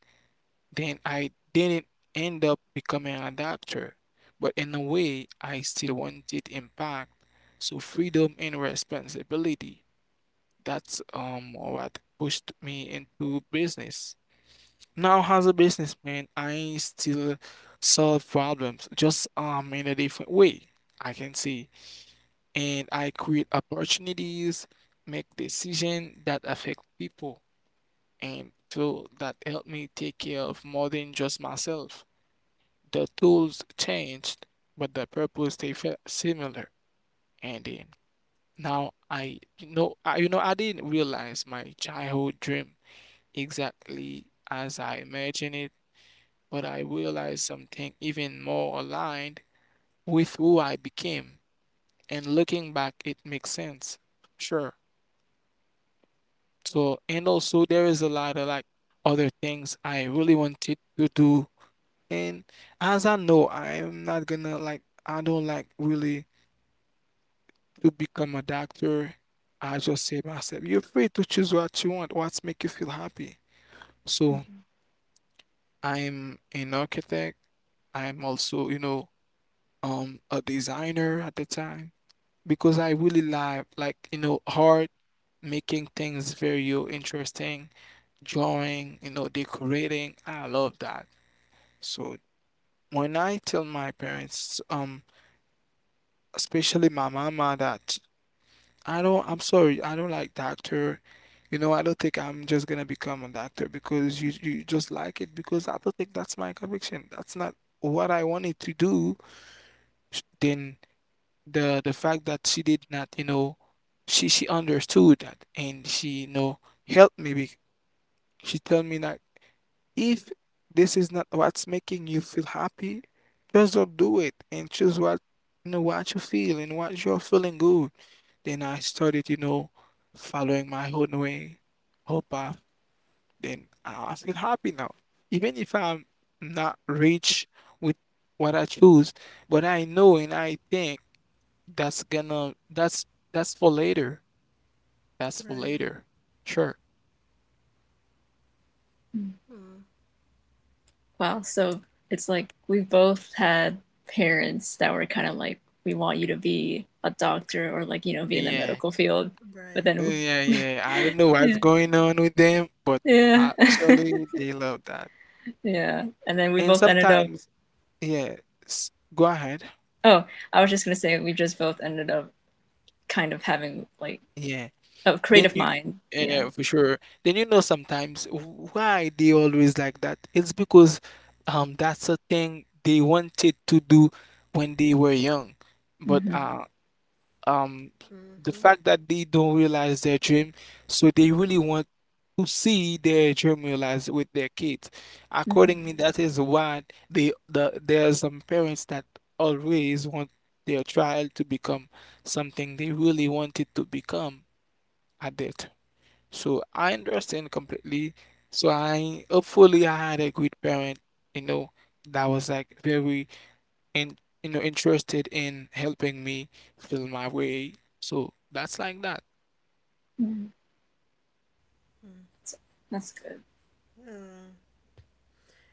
Speaker 3: Then I didn't end up becoming an adapter, but in a way, I still wanted impact. So freedom and responsibility. That's what pushed me into business. Now, as a businessman, I still solve problems, just in a different way, I can say, and I create opportunities, make decisions that affect people and so that helped me take care of more than just myself. The tools changed, but the purpose they felt similar. And then now I you know I, you know I didn't realize my childhood dream exactly as I imagined it, but I realized something even more aligned with who I became. And looking back, it makes sense. Sure. So and also there is a lot of like other things I really wanted to do. And as I know, I'm not gonna like, I don't like really to become a doctor. I just say myself, you're free to choose what you want, what's make you feel happy. So I'm an architect. I'm also, you know, a designer at the time because I really like, you know, art, making things very interesting, drawing, you know, decorating. I love that. So when I tell my parents, especially my mama that I'm sorry, I don't like doctor. You know, I don't think I'm just gonna become a doctor because you just like it, because I don't think that's my conviction. That's not what I wanted to do. Then the fact that she did not, you know, she understood that and she you know helped me. She told me not, if this is not what's making you feel happy, just don't do it and choose what you know what you feel and what you're feeling good. Then I started, you know, following my own way, whole path. Then I feel happy now. Even if I'm not rich with what I choose, but I know and I think that's gonna that's that's for later. That's for
Speaker 1: Right.
Speaker 3: later. Sure.
Speaker 2: Mm-hmm.
Speaker 1: Mm.
Speaker 2: Wow, so it's like we've both had parents that were kind of like, we want you to be a doctor or like, you know, be in the
Speaker 3: Yeah.
Speaker 2: medical field. But
Speaker 1: Right.
Speaker 2: then,
Speaker 3: Yeah, yeah. I don't know what's
Speaker 2: yeah,
Speaker 3: going on with them, but
Speaker 2: yeah,
Speaker 3: actually they love that.
Speaker 2: yeah. And then we
Speaker 1: Mm.
Speaker 3: And
Speaker 2: both ended up,
Speaker 3: sometimes, yeah, s- go ahead.
Speaker 2: oh, I was just gonna say, we just both ended up kind of having like
Speaker 3: Yeah.
Speaker 2: a
Speaker 3: Then
Speaker 2: creative
Speaker 3: you,
Speaker 2: mind. Yeah.
Speaker 3: yeah, for sure. Then you know sometimes why they always like that. It's because that's a thing they wanted to do when they were young. But
Speaker 2: Mm-hmm.
Speaker 3: um the
Speaker 1: Mm-hmm.
Speaker 3: fact that they don't realize their dream, so they really want to see their dream realized with their kids.
Speaker 2: Mm-hmm.
Speaker 3: Accordingly, that is why they the there are some parents that always want their child to become something they really wanted to become at that. So I understand completely. So I hopefully I had a good parent, you know, that was like very and you know interested in helping me feel my way. So that's like that.
Speaker 2: That's, that's good.
Speaker 1: Yeah.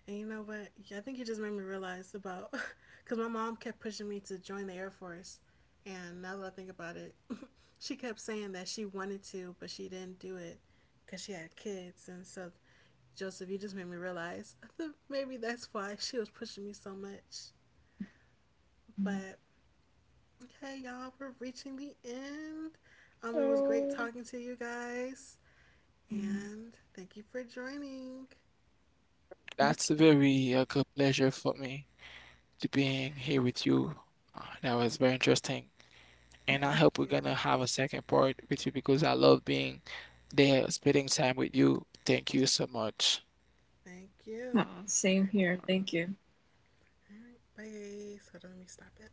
Speaker 1: And you know what? Yeah, I think you just made me realize about, because my mom kept pushing me to join the Air Force. And now that I think about it, she kept saying that she wanted to, but she didn't do it because she had kids. And so, Joseph, you just made me realize that maybe that's why she was pushing me so much. But okay, y'all, we're reaching the end. It was great talking to you guys. And thank you for joining.
Speaker 3: That's a very good pleasure for me to being here with you. That was very interesting, and I
Speaker 1: Thank
Speaker 3: hope we're
Speaker 1: you.
Speaker 3: gonna have a second part with you because I love being there, spending time with you. Thank you so much.
Speaker 1: Thank
Speaker 2: Yeah.
Speaker 1: you.
Speaker 2: Aw,
Speaker 1: All
Speaker 2: same
Speaker 1: right.
Speaker 2: here. Thank you.
Speaker 1: All right, bye. So let me stop it.